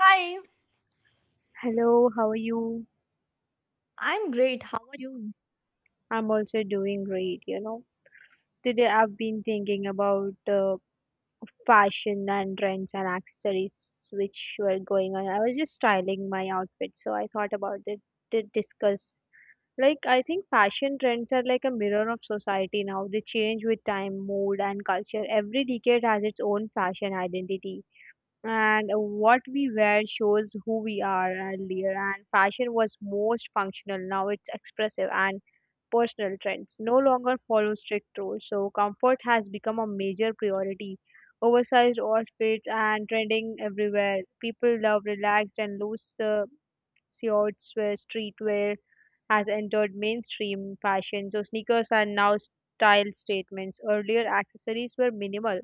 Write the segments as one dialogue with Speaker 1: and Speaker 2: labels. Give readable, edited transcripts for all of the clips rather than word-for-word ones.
Speaker 1: Hi,
Speaker 2: Hello, how are you?
Speaker 1: I'm great. How are you?
Speaker 2: I'm also doing great. Today I've been thinking about fashion and trends and accessories which were going on. I was just styling my outfit, so I thought about it to discuss. Like, I think fashion trends are like a mirror of society now. They change with time, mood, and culture. Every decade has its own fashion identity. And what we wear shows who we are earlier. And fashion was most functional. Now it's expressive and personal trends no longer follow strict rules, so comfort has become a major priority. Oversized outfits and trending everywhere. People love relaxed and loose shorts where streetwear has entered mainstream fashion. So sneakers are now style statements. Earlier accessories were minimal.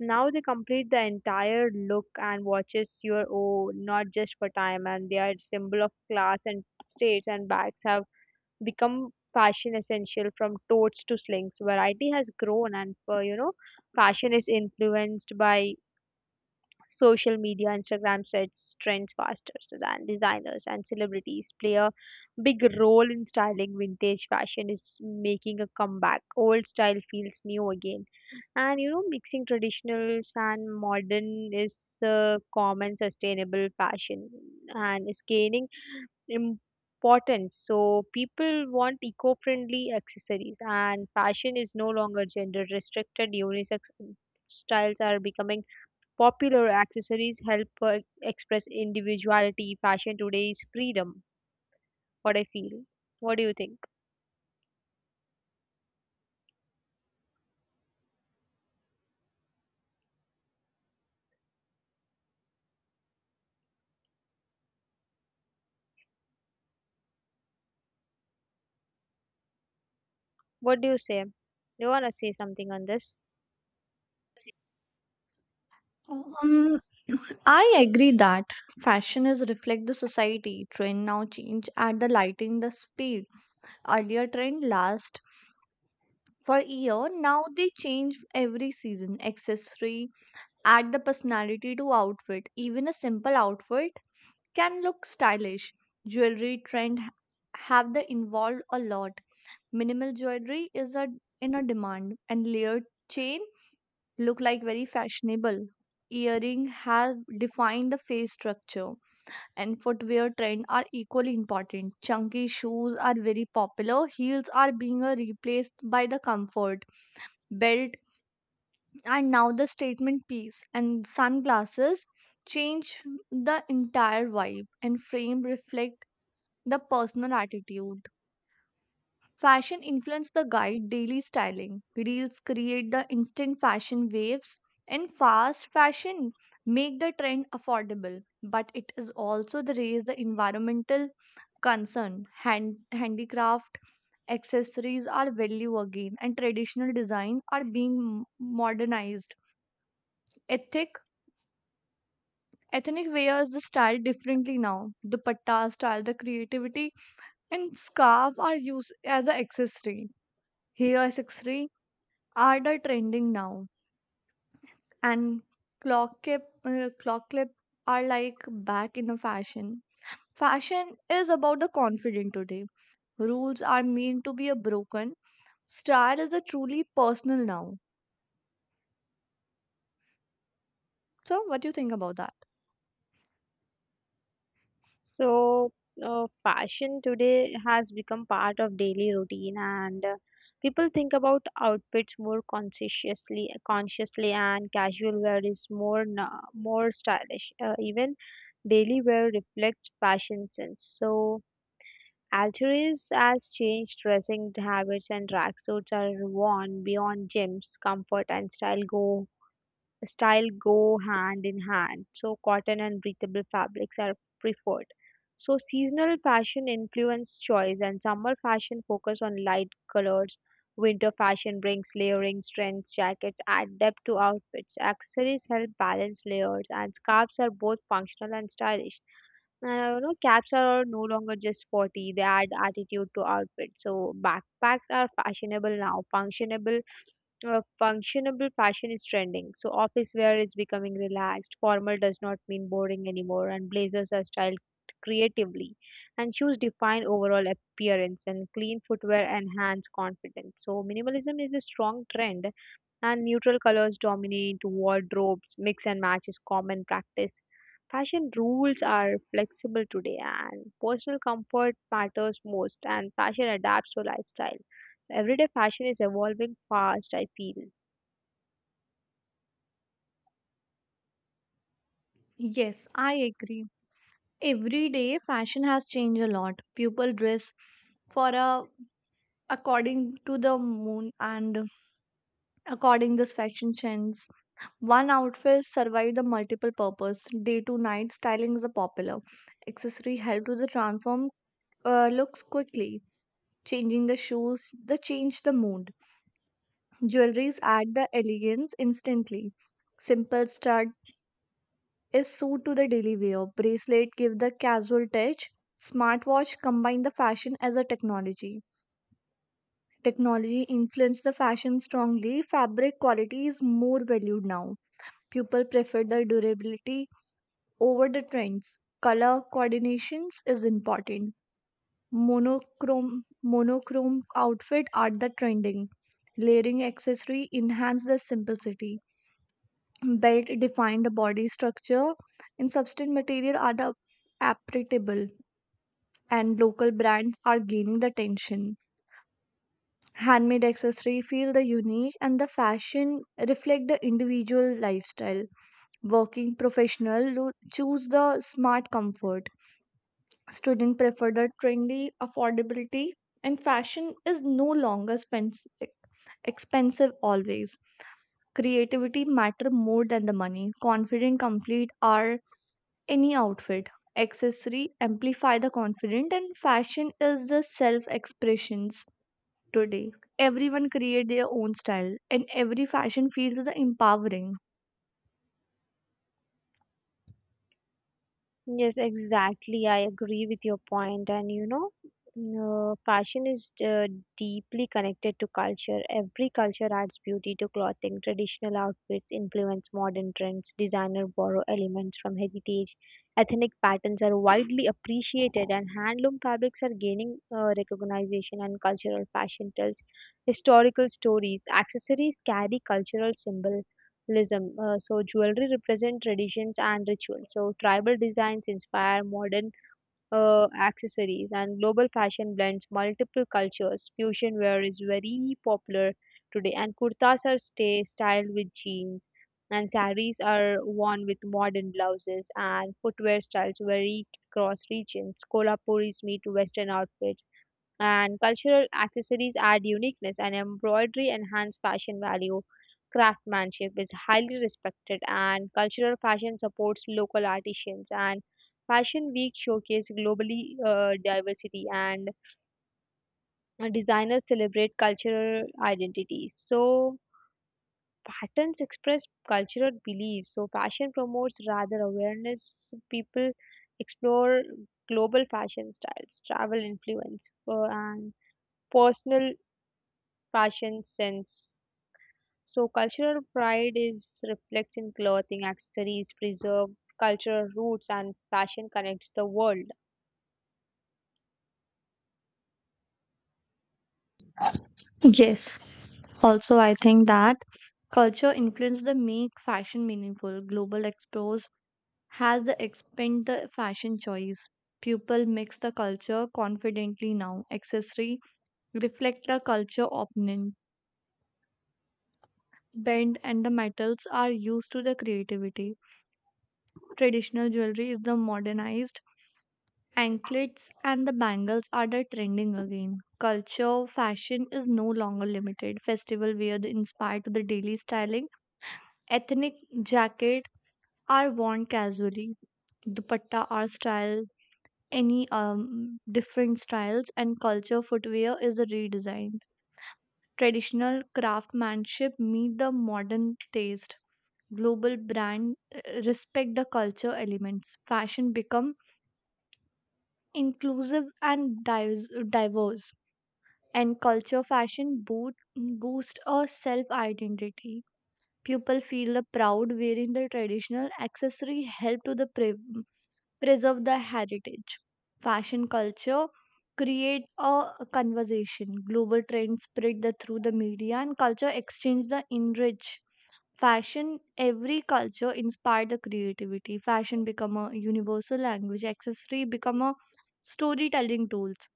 Speaker 2: Now they complete the entire look and watches your own, not just for time, and they are symbol of class and states. And bags have become fashion essential from totes to slings variety has grown and fashion is influenced by social media, Instagram sets trends faster so than designers and celebrities play a big role in styling. Vintage fashion is making a comeback, old style feels new again, and mixing traditionals and modern is common. Sustainable fashion and is gaining importance, so people want eco-friendly accessories, and fashion is no longer gender restricted. Unisex styles are becoming popular. Accessories help express individuality. Fashion today is freedom. What I feel. What do you think? What do you say? Do you want to say something on this?
Speaker 1: Um, I agree that fashion is reflect the society. Trend now change at the lighting the speed. Earlier trend last for year. Now they change every season. Accessory add the personality to outfit. Even a simple outfit can look stylish. Jewelry trend have the involved a lot. Minimal jewelry is a in a demand and layered chain look like very fashionable. Earring have defined the face structure and footwear trend are equally important. Chunky shoes are very popular. Heels are being replaced by the comfort belt and now the statement piece and sunglasses change the entire vibe and frame reflect the personal attitude. Fashion influence the guide daily styling. Reels create the instant fashion waves and fast fashion make the trend affordable. But it is also the raise the environmental concern. Handicraft accessories are value again and traditional design are being modernized. Ethic Ethnic wears the style differently now. The patta style, the creativity and scarf are used as an accessory. Hair accessory are the trending now and clock clip are like back in a fashion. Fashion is about the confident today. Rules are meant to be a broken. Style is a truly personal now. So what do you think about that?
Speaker 2: So, fashion today has become part of daily routine, and people think about outfits more consciously, and casual wear is more more stylish. Even daily wear reflects fashion sense. So, Alturas has changed dressing habits and tracksuits are worn beyond gyms. Comfort and style go hand in hand. So cotton and breathable fabrics are preferred. So seasonal fashion influence choice and summer fashion focus on light colors. Winter fashion brings layering strengths, jackets add depth to outfits. Accessories help balance layers and scarves are both functional and stylish. And I know caps are no longer just sporty; they add attitude to outfit. So backpacks are fashionable now. Functionable fashion is trending. So office wear is becoming relaxed. Formal does not mean boring anymore, and blazers are styled creatively. And shoes define overall appearance, and clean footwear enhance confidence. So minimalism is a strong trend and neutral colors dominate wardrobes. Mix and match is common practice. Fashion rules are flexible today, and personal comfort matters most, and fashion adapts to lifestyle. So everyday fashion is evolving fast, I feel.
Speaker 1: Yes, I agree. Every day fashion has changed a lot. People dress for a according to the moon and according this fashion trends, one outfit survived the multiple purpose. Day to night styling is a popular accessory help to the transform looks quickly, changing the shoes, the change the mood. Jewelries add the elegance instantly. Simple stud is suit to the daily wear. Bracelet give the casual touch. Smartwatch combine the fashion as a technology. Technology influenced the fashion strongly. Fabric quality is more valued now. People prefer the durability over the trends. Color coordinations is important. Monochrome outfit are the trending. Layering accessory enhance the simplicity. Belt define the body structure and substance material are the applicable and local brands are gaining the attention. Handmade accessory feel the unique and the fashion reflect the individual lifestyle. Working professional choose the smart comfort. Student prefer the trendy affordability and fashion is no longer expensive always. Creativity matter more than the money. Confident complete are any outfit. Accessory amplify the confident and fashion is the self expressions today. Everyone create their own style and every fashion feels the empowering.
Speaker 2: Yes, exactly. I agree with your point. And fashion is deeply connected to culture. Every culture adds beauty to clothing. Traditional outfits influence modern trends. Designer borrow elements from heritage. Ethnic patterns are widely appreciated, and handloom fabrics are gaining recognition. And cultural fashion tells historical stories. Accessories carry cultural symbol tribalism. So jewelry represent traditions and rituals. So tribal designs inspire modern accessories, and global fashion blends multiple cultures. Fusion wear is very popular today, and kurtas are stay styled with jeans, and saris are worn with modern blouses, and footwear styles vary across regions. Kolhapuris meet Western outfits, and cultural accessories add uniqueness, and embroidery enhance fashion value. Craftsmanship is highly respected, and cultural fashion supports local artisans, and fashion week showcase globally diversity, and designers celebrate cultural identities. So patterns express cultural beliefs, so fashion promotes rather awareness. People explore global fashion styles, travel influence and personal fashion sense. So cultural pride is reflects in clothing, accessories, preserve cultural roots, and fashion connects the world.
Speaker 1: Yes. Also, I think that culture influence the make fashion meaningful. Global expos has the expand the fashion choice. People mix the culture confidently now. Accessory reflect the culture opinion. Bend and the metals are used to the creativity. Traditional jewelry is the modernized. Anklets and the bangles are the trending again. Culture fashion is no longer limited. Festival wear the inspired to the daily styling. Ethnic jackets are worn casually. Dupatta are styled any different styles and culture footwear is redesigned. Traditional craftsmanship meet the modern taste. Global brand respect the culture elements. Fashion become inclusive and diverse. And culture fashion boost a self identity. People feel the proud wearing the traditional accessory help to the preserve the heritage. Fashion culture create a conversation. Global trends spread the, through the media and culture exchange the enrich fashion. Every culture inspire the creativity. Fashion become a universal language. Accessory become a storytelling tools.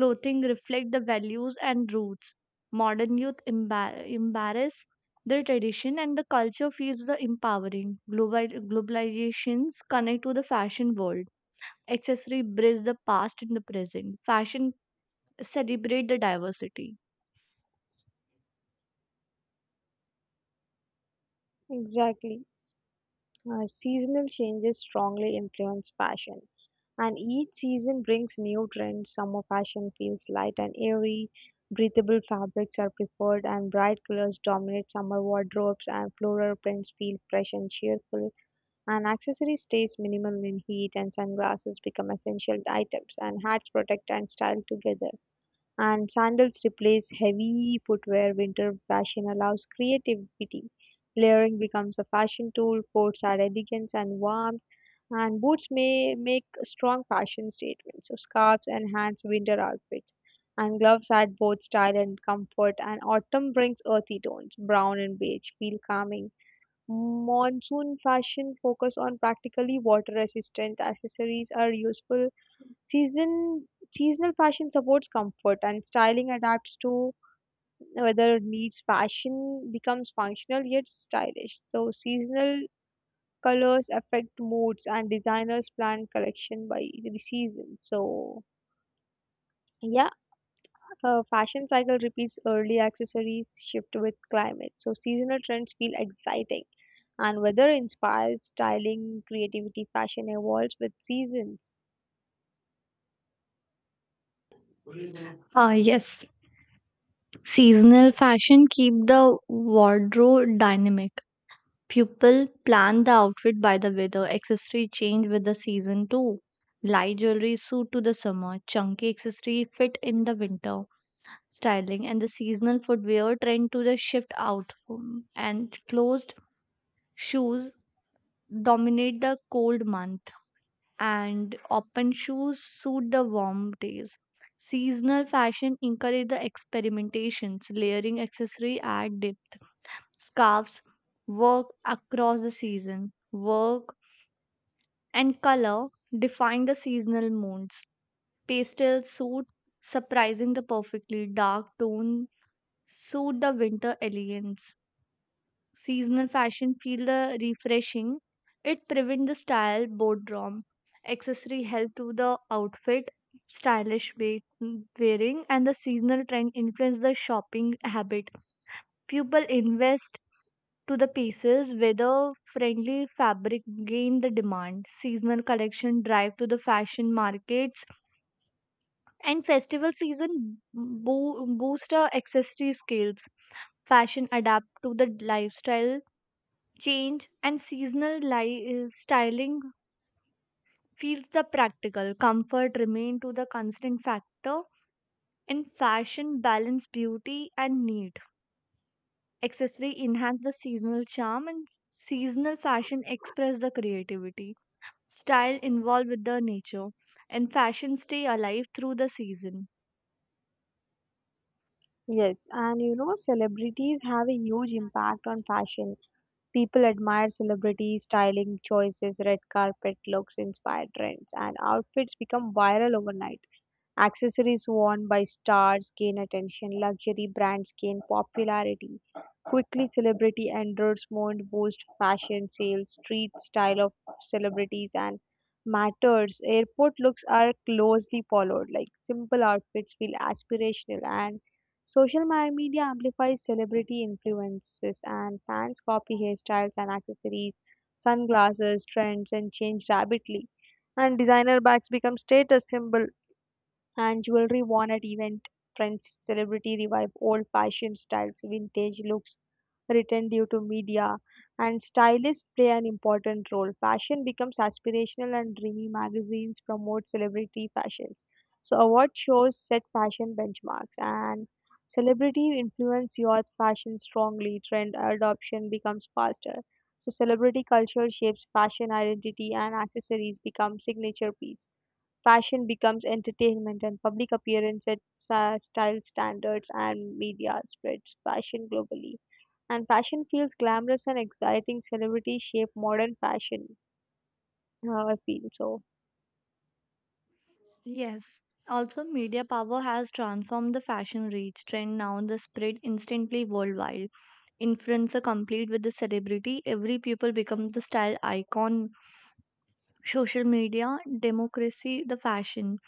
Speaker 1: Clothing reflect the values and roots. Modern youth embrace their tradition and the culture feels the empowering. Globalizations connect to the fashion world. Accessory bridge the past and the present. Fashion celebrate the diversity.
Speaker 2: Exactly. Seasonal changes strongly influence fashion, and each season brings new trends. Summer fashion feels light and airy, breathable fabrics are preferred, and bright colors dominate summer wardrobes, and floral prints feel fresh and cheerful. An accessory stays minimal in heat, and sunglasses become essential items, and hats protect and style together. And sandals replace heavy footwear. Winter fashion allows creativity. Layering becomes a fashion tool. Coats add elegance and warmth. And boots may make strong fashion statements. So scarves enhance winter outfits. And gloves add both style and comfort. And autumn brings earthy tones. Brown and beige feel calming. Monsoon fashion focus on practically water-resistant accessories are useful. Season Seasonal fashion supports comfort, and styling adapts to weather needs. Fashion becomes functional yet stylish. So seasonal colors affect moods, and designers plan collection by the season. So yeah, a fashion cycle repeats, early accessories shift with climate. So seasonal trends feel exciting, and weather inspires styling, creativity, fashion evolves with seasons.
Speaker 1: Yes, seasonal fashion keep the wardrobe dynamic. People plan the outfit by the weather, accessory change with the season too. Light jewelry suit to the summer, chunky accessory fit in the winter styling, and the seasonal footwear trend to the shift out. And closed shoes dominate the cold month and open shoes suit the warm days. Seasonal fashion encourage the experimentations, layering accessory at depth. Scarves work across the season. Work and color define the seasonal moods. Pastel suit surprising the perfectly dark tone suit the winter elegance. Seasonal fashion feel the refreshing. It prevent the style boredom. Accessory help to the outfit stylish wearing and the seasonal trend influence the shopping habit. People invest to the pieces whether friendly fabric gain the demand. Seasonal collection drive to the fashion markets and festival season boost our accessory skills. Fashion adapt to the lifestyle change and styling feels the practical comfort remain to the constant factor in fashion balance beauty and need. Accessory enhance the seasonal charm and seasonal fashion express the creativity. Style involved with the nature and fashion stay alive through the season.
Speaker 2: Yes, and celebrities have a huge impact on fashion. People admire celebrities' styling choices, red carpet looks, inspired trends, and outfits become viral overnight. Accessories worn by stars gain attention, luxury brands gain popularity. Quickly, celebrity endorsements boost fashion sales, street style of celebrities, and matters. Airport looks are closely followed, like simple outfits feel aspirational, and social media amplifies celebrity influences, and fans copy hairstyles and accessories, sunglasses, trends, and change rapidly. And designer bags become status symbol, and jewelry worn at event trends. Celebrity revive old fashioned styles, vintage looks return due to media, and stylists play an important role. Fashion becomes aspirational and dreamy, magazines promote celebrity fashions. So award shows set fashion benchmarks, and celebrity influence youth fashion strongly, trend adoption becomes faster. So celebrity culture shapes fashion identity, and accessories become signature piece. Fashion becomes entertainment, and public appearance sets style standards, and media spreads fashion globally. And fashion feels glamorous and exciting. Celebrities shape modern fashion. I feel so.
Speaker 1: Yes. Also, media power has transformed the fashion reach. Trend now the spread instantly worldwide. Influencer complete with the celebrity, every people become the style icon. Social media, democracy, the fashion.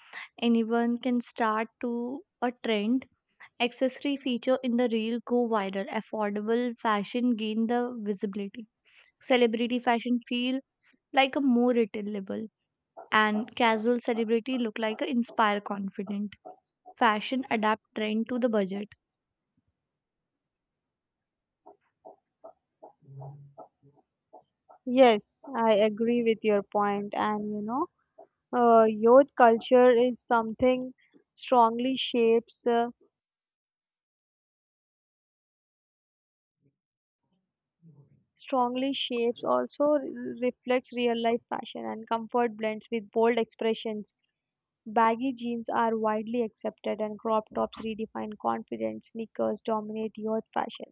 Speaker 1: Anyone can start to a trend. Accessory feature in the reel go viral. Affordable fashion gain the visibility. Celebrity fashion feel like a more retailable and casual celebrity look like a inspire confident. Fashion adapt trend to the budget.
Speaker 2: Yes, I agree with your point. And youth culture is something strongly shapes, uh, strongly shapes, also reflects real life fashion, and comfort blends with bold expressions. Baggy jeans are widely accepted, and crop tops redefine confidence. Sneakers dominate youth fashion.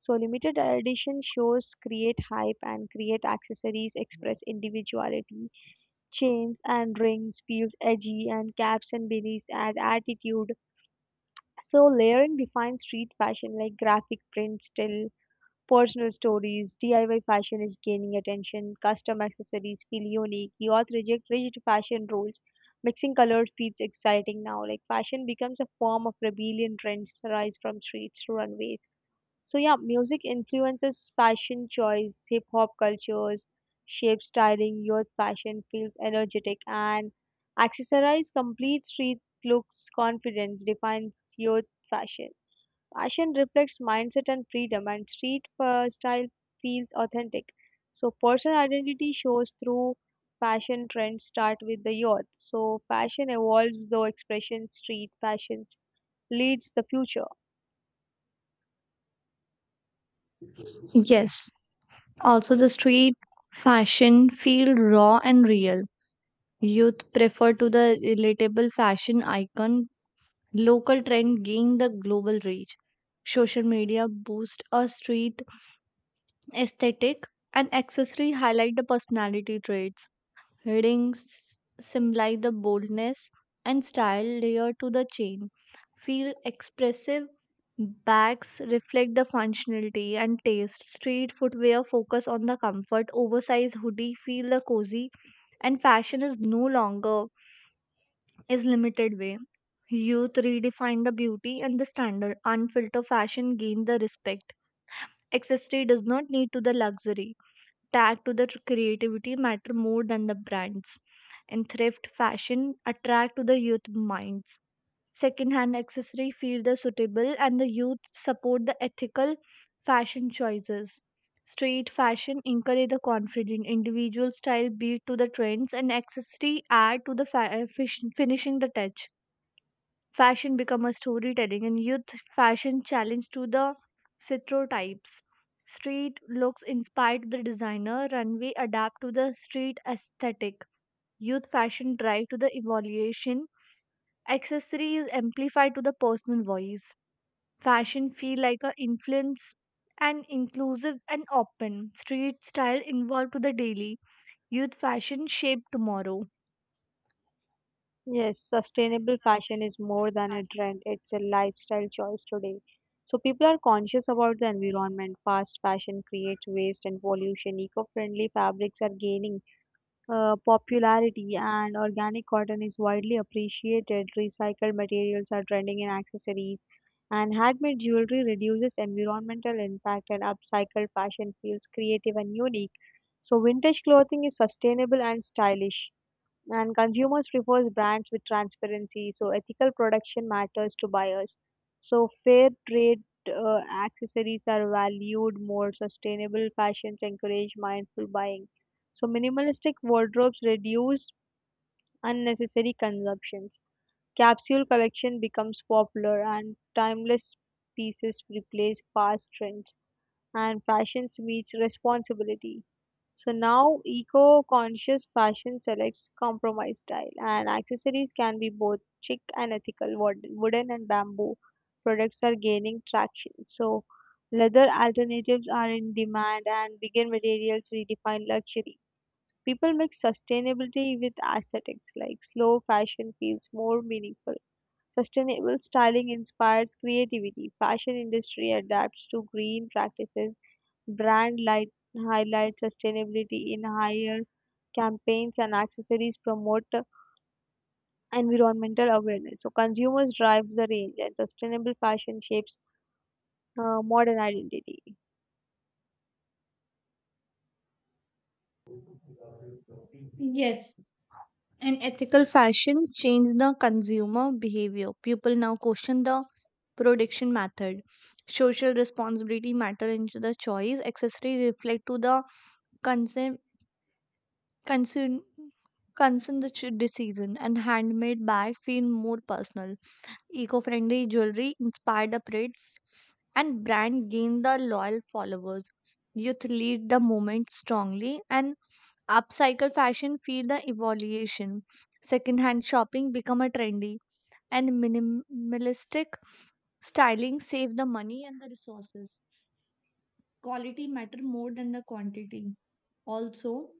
Speaker 2: So limited edition shows create hype, and create accessories express individuality. Chains and rings feels edgy, and caps and beanies add attitude. So layering defines street fashion, like graphic prints still personal stories. DIY fashion is gaining attention, custom accessories feel unique, youth reject rigid fashion rules, mixing colors feels exciting now. Like fashion becomes a form of rebellion, trends rise from streets to runways. So yeah, music influences fashion choice, hip hop cultures, shape styling, youth fashion feels energetic, and accessorize complete street looks, confidence defines youth fashion. Fashion reflects mindset and freedom, and street style feels authentic. So, personal identity shows through fashion trends start with the youth. So, fashion evolves though expression, street fashions leads the future.
Speaker 1: Yes, also the street fashion feel raw and real. Youth prefer to the relatable fashion icon. Local trend gain the global reach. Social media boost a street aesthetic and accessory highlight the personality traits. Rings symbolize the boldness and style layered to the chain. Feel expressive. Bags reflect the functionality and taste. Street footwear focus on the comfort. Oversized hoodie feel the cozy and fashion is no longer is limited way. Youth redefine the beauty and the standard. Unfiltered fashion gain the respect. Accessory does not need to the luxury tag to the creativity matter more than the brands and thrift fashion attract to the youth minds. Second hand accessory feel the suitable and the youth support the ethical fashion choices. Street fashion encourage the confident individual style beat to the trends and accessory add to the finishing the touch. Fashion become a storytelling and youth fashion challenge to the stereotypes. Street looks inspired the designer runway adapt to the street aesthetic. Youth fashion drive to the evaluation. Accessories amplify to the personal voice. Fashion feel like a influence and inclusive and open. Street style involved to the daily. Youth fashion shape tomorrow.
Speaker 2: Yes, sustainable fashion is more than a trend, it's a lifestyle choice today. So, people are conscious about the environment. Fast fashion creates waste and pollution. Eco friendly fabrics are gaining popularity, and organic cotton is widely appreciated. Recycled materials are trending in accessories, and handmade jewelry reduces environmental impact, and upcycled fashion feels creative and unique. So, vintage clothing is sustainable and stylish, and consumers prefers brands with transparency, so ethical production matters to buyers. So fair trade accessories are valued more, sustainable fashions encourage mindful buying. So minimalistic wardrobes reduce unnecessary consumptions, capsule collection becomes popular, and timeless pieces replace fast trends, and fashions meets responsibility. So now eco-conscious fashion selects compromise style, and accessories can be both chic and ethical. Wooden and bamboo products are gaining traction. So leather alternatives are in demand, and vegan materials redefine luxury. People mix sustainability with aesthetics, like slow fashion feels more meaningful. Sustainable styling inspires creativity. Fashion industry adapts to green practices. Brand light highlights sustainability in higher campaigns, and accessories promote environmental awareness. So consumers drive the range, and sustainable fashion shapes modern identity.
Speaker 1: Yes. And ethical fashions change the consumer behavior. People now question the production method. Social responsibility matter into the choice. Accessory reflect to the concern concern concern the decision and handmade bag feel more personal. Eco-friendly jewelry inspired upgrades and brand gain the loyal followers. Youth lead the movement strongly and upcycle fashion feel the evolution. Secondhand shopping become a trendy and minimalistic styling save the money and the resources. Quality matter more than the quantity. Also,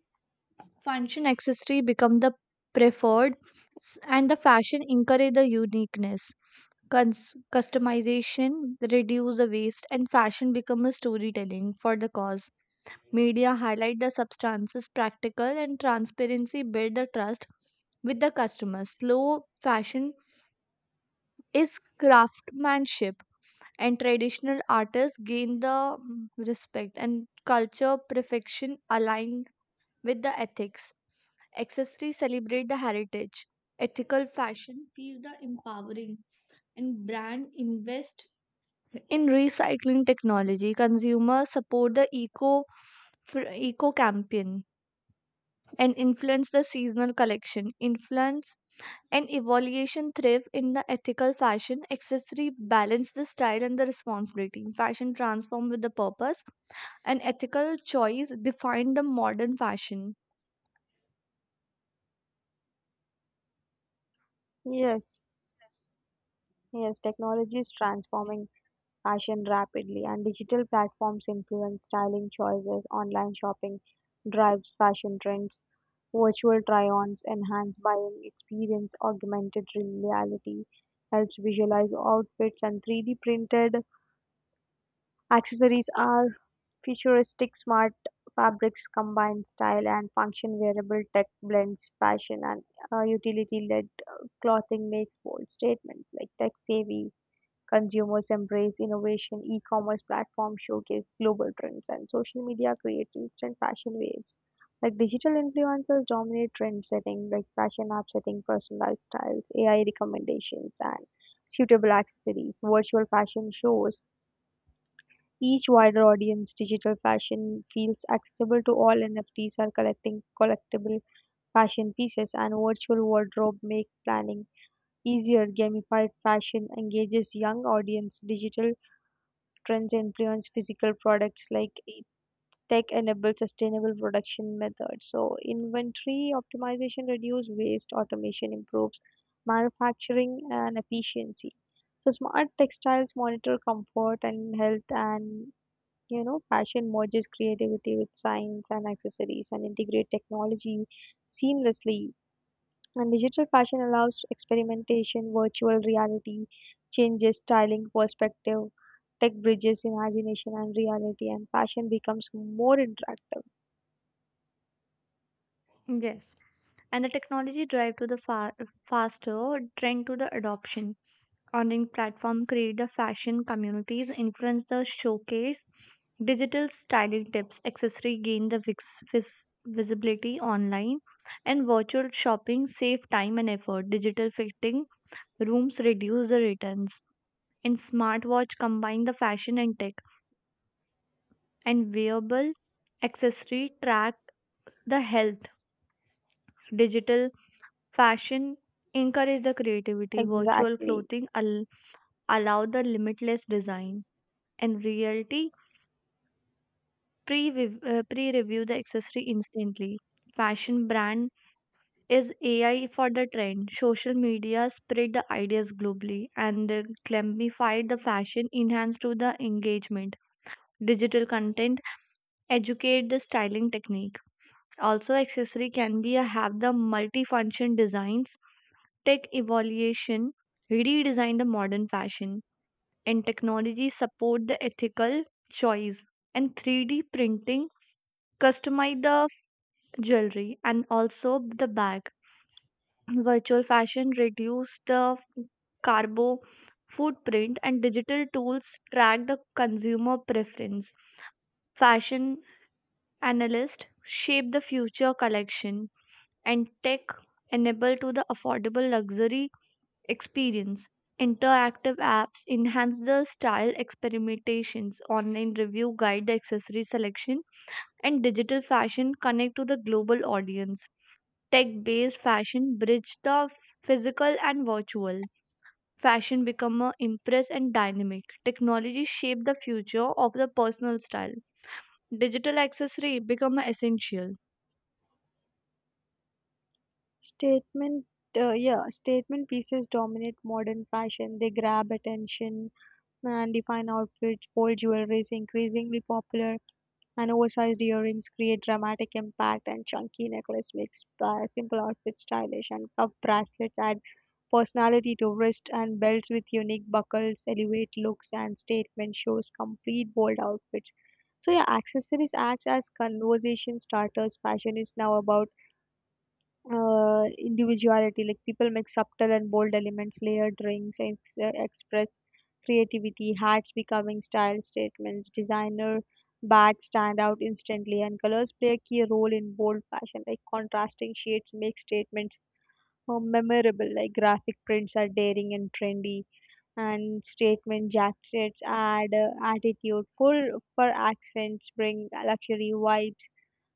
Speaker 1: function accessory become the preferred and the fashion encourage the uniqueness. Customization reduce the waste and fashion become a storytelling for the cause. Media highlight the substances practical and transparency build the trust with the customer. Slow fashion is craftsmanship and traditional artists gain the respect and culture perfection align with the ethics. Accessories celebrate the heritage. Ethical fashion feel the empowering and brand invest in recycling technology. Consumers support the eco campaign and influence the seasonal collection. Influence and evaluation thrive in the ethical fashion. Accessory balance the style and the responsibility. Fashion transform with the purpose. And ethical choice define the modern fashion.
Speaker 2: Yes, yes, technology is transforming fashion rapidly, and digital platforms influence styling choices. Online shopping drives fashion trends. Virtual try-ons enhance buying experience, augmented reality helps visualize outfits, and 3D printed accessories are futuristic. Smart fabrics combine style and function, wearable tech blends fashion and utility-led clothing makes bold statements, like tech-savvy consumers embrace innovation. E-commerce platforms showcase global trends, and social media creates instant fashion waves. Like digital influencers dominate trend setting, like fashion app setting personalized styles, AI recommendations and suitable accessories. Virtual fashion shows each wider audience, digital fashion feels accessible to all. NFTs are collecting collectible fashion pieces, and virtual wardrobe make planning easier. Gamified fashion engages young audience. Digital trends influence physical products, like tech enabled sustainable production methods. So inventory optimization reduce waste, automation improves manufacturing and efficiency. So smart textiles monitor comfort and health, and fashion merges creativity with science, and accessories and integrate technology seamlessly. And digital fashion allows experimentation, virtual reality, changes styling perspective, tech bridges imagination and reality, and fashion becomes more interactive.
Speaker 1: Yes. And the technology drive to the faster trend to the adoption. Online platform create the fashion communities, influence the showcase, digital styling tips, accessory gain the visibility online, and virtual shopping save time and effort. Digital fitting rooms reduce the returns, and smartwatch combine the fashion and tech, and wearable accessory track the health. Digital fashion encouraged the creativity. Virtual
Speaker 2: Exactly.
Speaker 1: clothing allowed the limitless design. And reality pre-review the accessory instantly. Fashion brand is AI for the trend. Social media spread the ideas globally and gamified the fashion, enhanced to the engagement. Digital content educate the styling technique. Also, accessory can be a have the multifunction designs, tech evaluation, redesign the modern fashion, and technology support the ethical choice. And 3D printing customize the jewelry and also the bag. Virtual fashion reduce the carbo footprint and digital tools track the consumer preference. Fashion analysts shape the future collection and tech enable to the affordable luxury experience. Interactive apps enhance the style experimentations, online review guide the accessory selection, and digital fashion connect to the global audience. Tech based fashion bridge the physical and virtual. Fashion become more impress and dynamic. Technology shape the future of the personal style. Digital accessory become a essential.
Speaker 2: Statement, yeah, statement pieces dominate modern fashion. They grab attention and define outfits, bold jewelry is increasingly popular, and oversized earrings create dramatic impact, and chunky necklace makes simple outfits stylish, and cuff bracelets add personality to wrist, and belts with unique buckles elevate looks, and statement shows complete bold outfits. So yeah, accessories acts as conversation starters, fashion is now about individuality, like people make subtle and bold elements, layered rings express creativity, hats becoming style statements, designer bags stand out instantly, and colors play a key role in bold fashion, like contrasting shades make statements more memorable, like graphic prints are daring and trendy, and statement jackets add attitude. Full fur accents bring luxury vibes,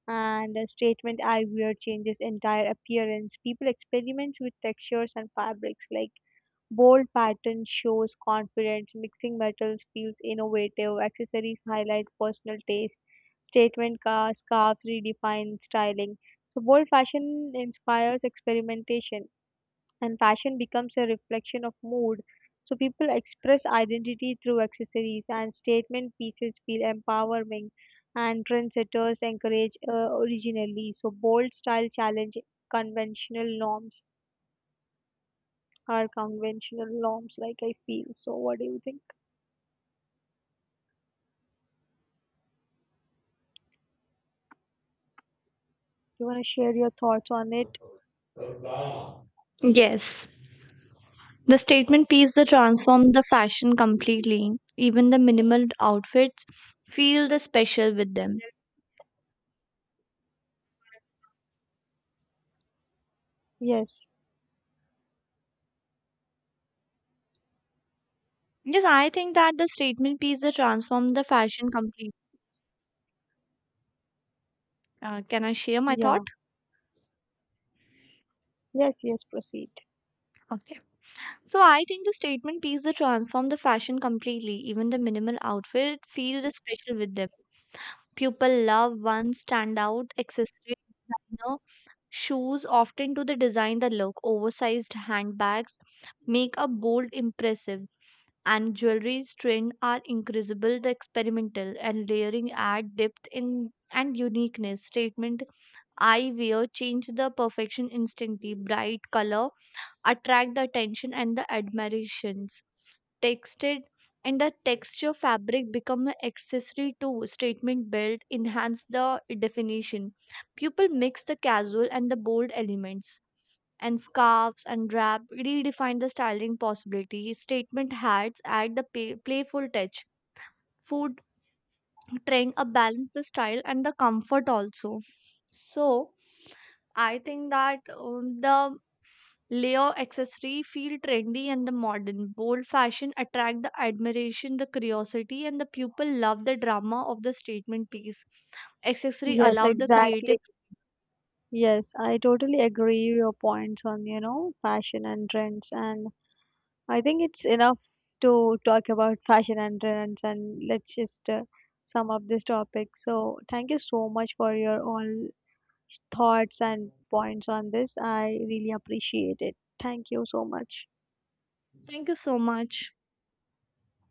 Speaker 2: and a statement eyewear changes entire appearance. People experiments with textures and fabrics, like bold pattern shows confidence, mixing metals feels innovative, accessories highlight personal taste, statement scarves redefine styling. So bold fashion inspires experimentation, and fashion becomes a reflection of mood. So people express identity through accessories, and statement pieces feel empowering, and trendsetters encourage originally. So bold style challenge conventional norms conventional norms, like I feel. So what do you think? You want to share your thoughts on it?
Speaker 1: Yes. The statement piece that transformed the fashion completely. Even the minimal outfits feel the special with them.
Speaker 2: Yes.
Speaker 1: Yes, I think that the statement piece that transformed the fashion completely. Can I share my thought?
Speaker 2: Yeah. Yes, yes, proceed.
Speaker 1: Okay. So I think the statement piece that transformed the fashion completely. Even the minimal outfit feel the special with them. People love one standout accessory. Designer shoes often to the design the look. Oversized handbags make a bold impressive and jewelry's trend are incredible the experimental and layering add depth in and uniqueness statement I wear change the perfection instantly. Bright color attract the attention and the admirations. Texted and the texture fabric become an accessory to statement built, enhance the definition. People mix the casual and the bold elements. And scarves and wrap redefine the styling possibility. Statement hats add the playful touch. Food trend a balance the style and the comfort also. So I think that the layer accessory feel trendy and the modern. Bold fashion attract the admiration, the curiosity, and the people love the drama of the statement piece. Accessory
Speaker 2: Yes,
Speaker 1: allow the
Speaker 2: exactly.
Speaker 1: creative.
Speaker 2: Yes, I totally agree your points on, fashion and trends, and I think it's enough to talk about fashion and trends, and let's just sum up this topic. So, thank you so much for your all thoughts and points on this. I really appreciate it. Thank you so much.
Speaker 1: Thank you so much.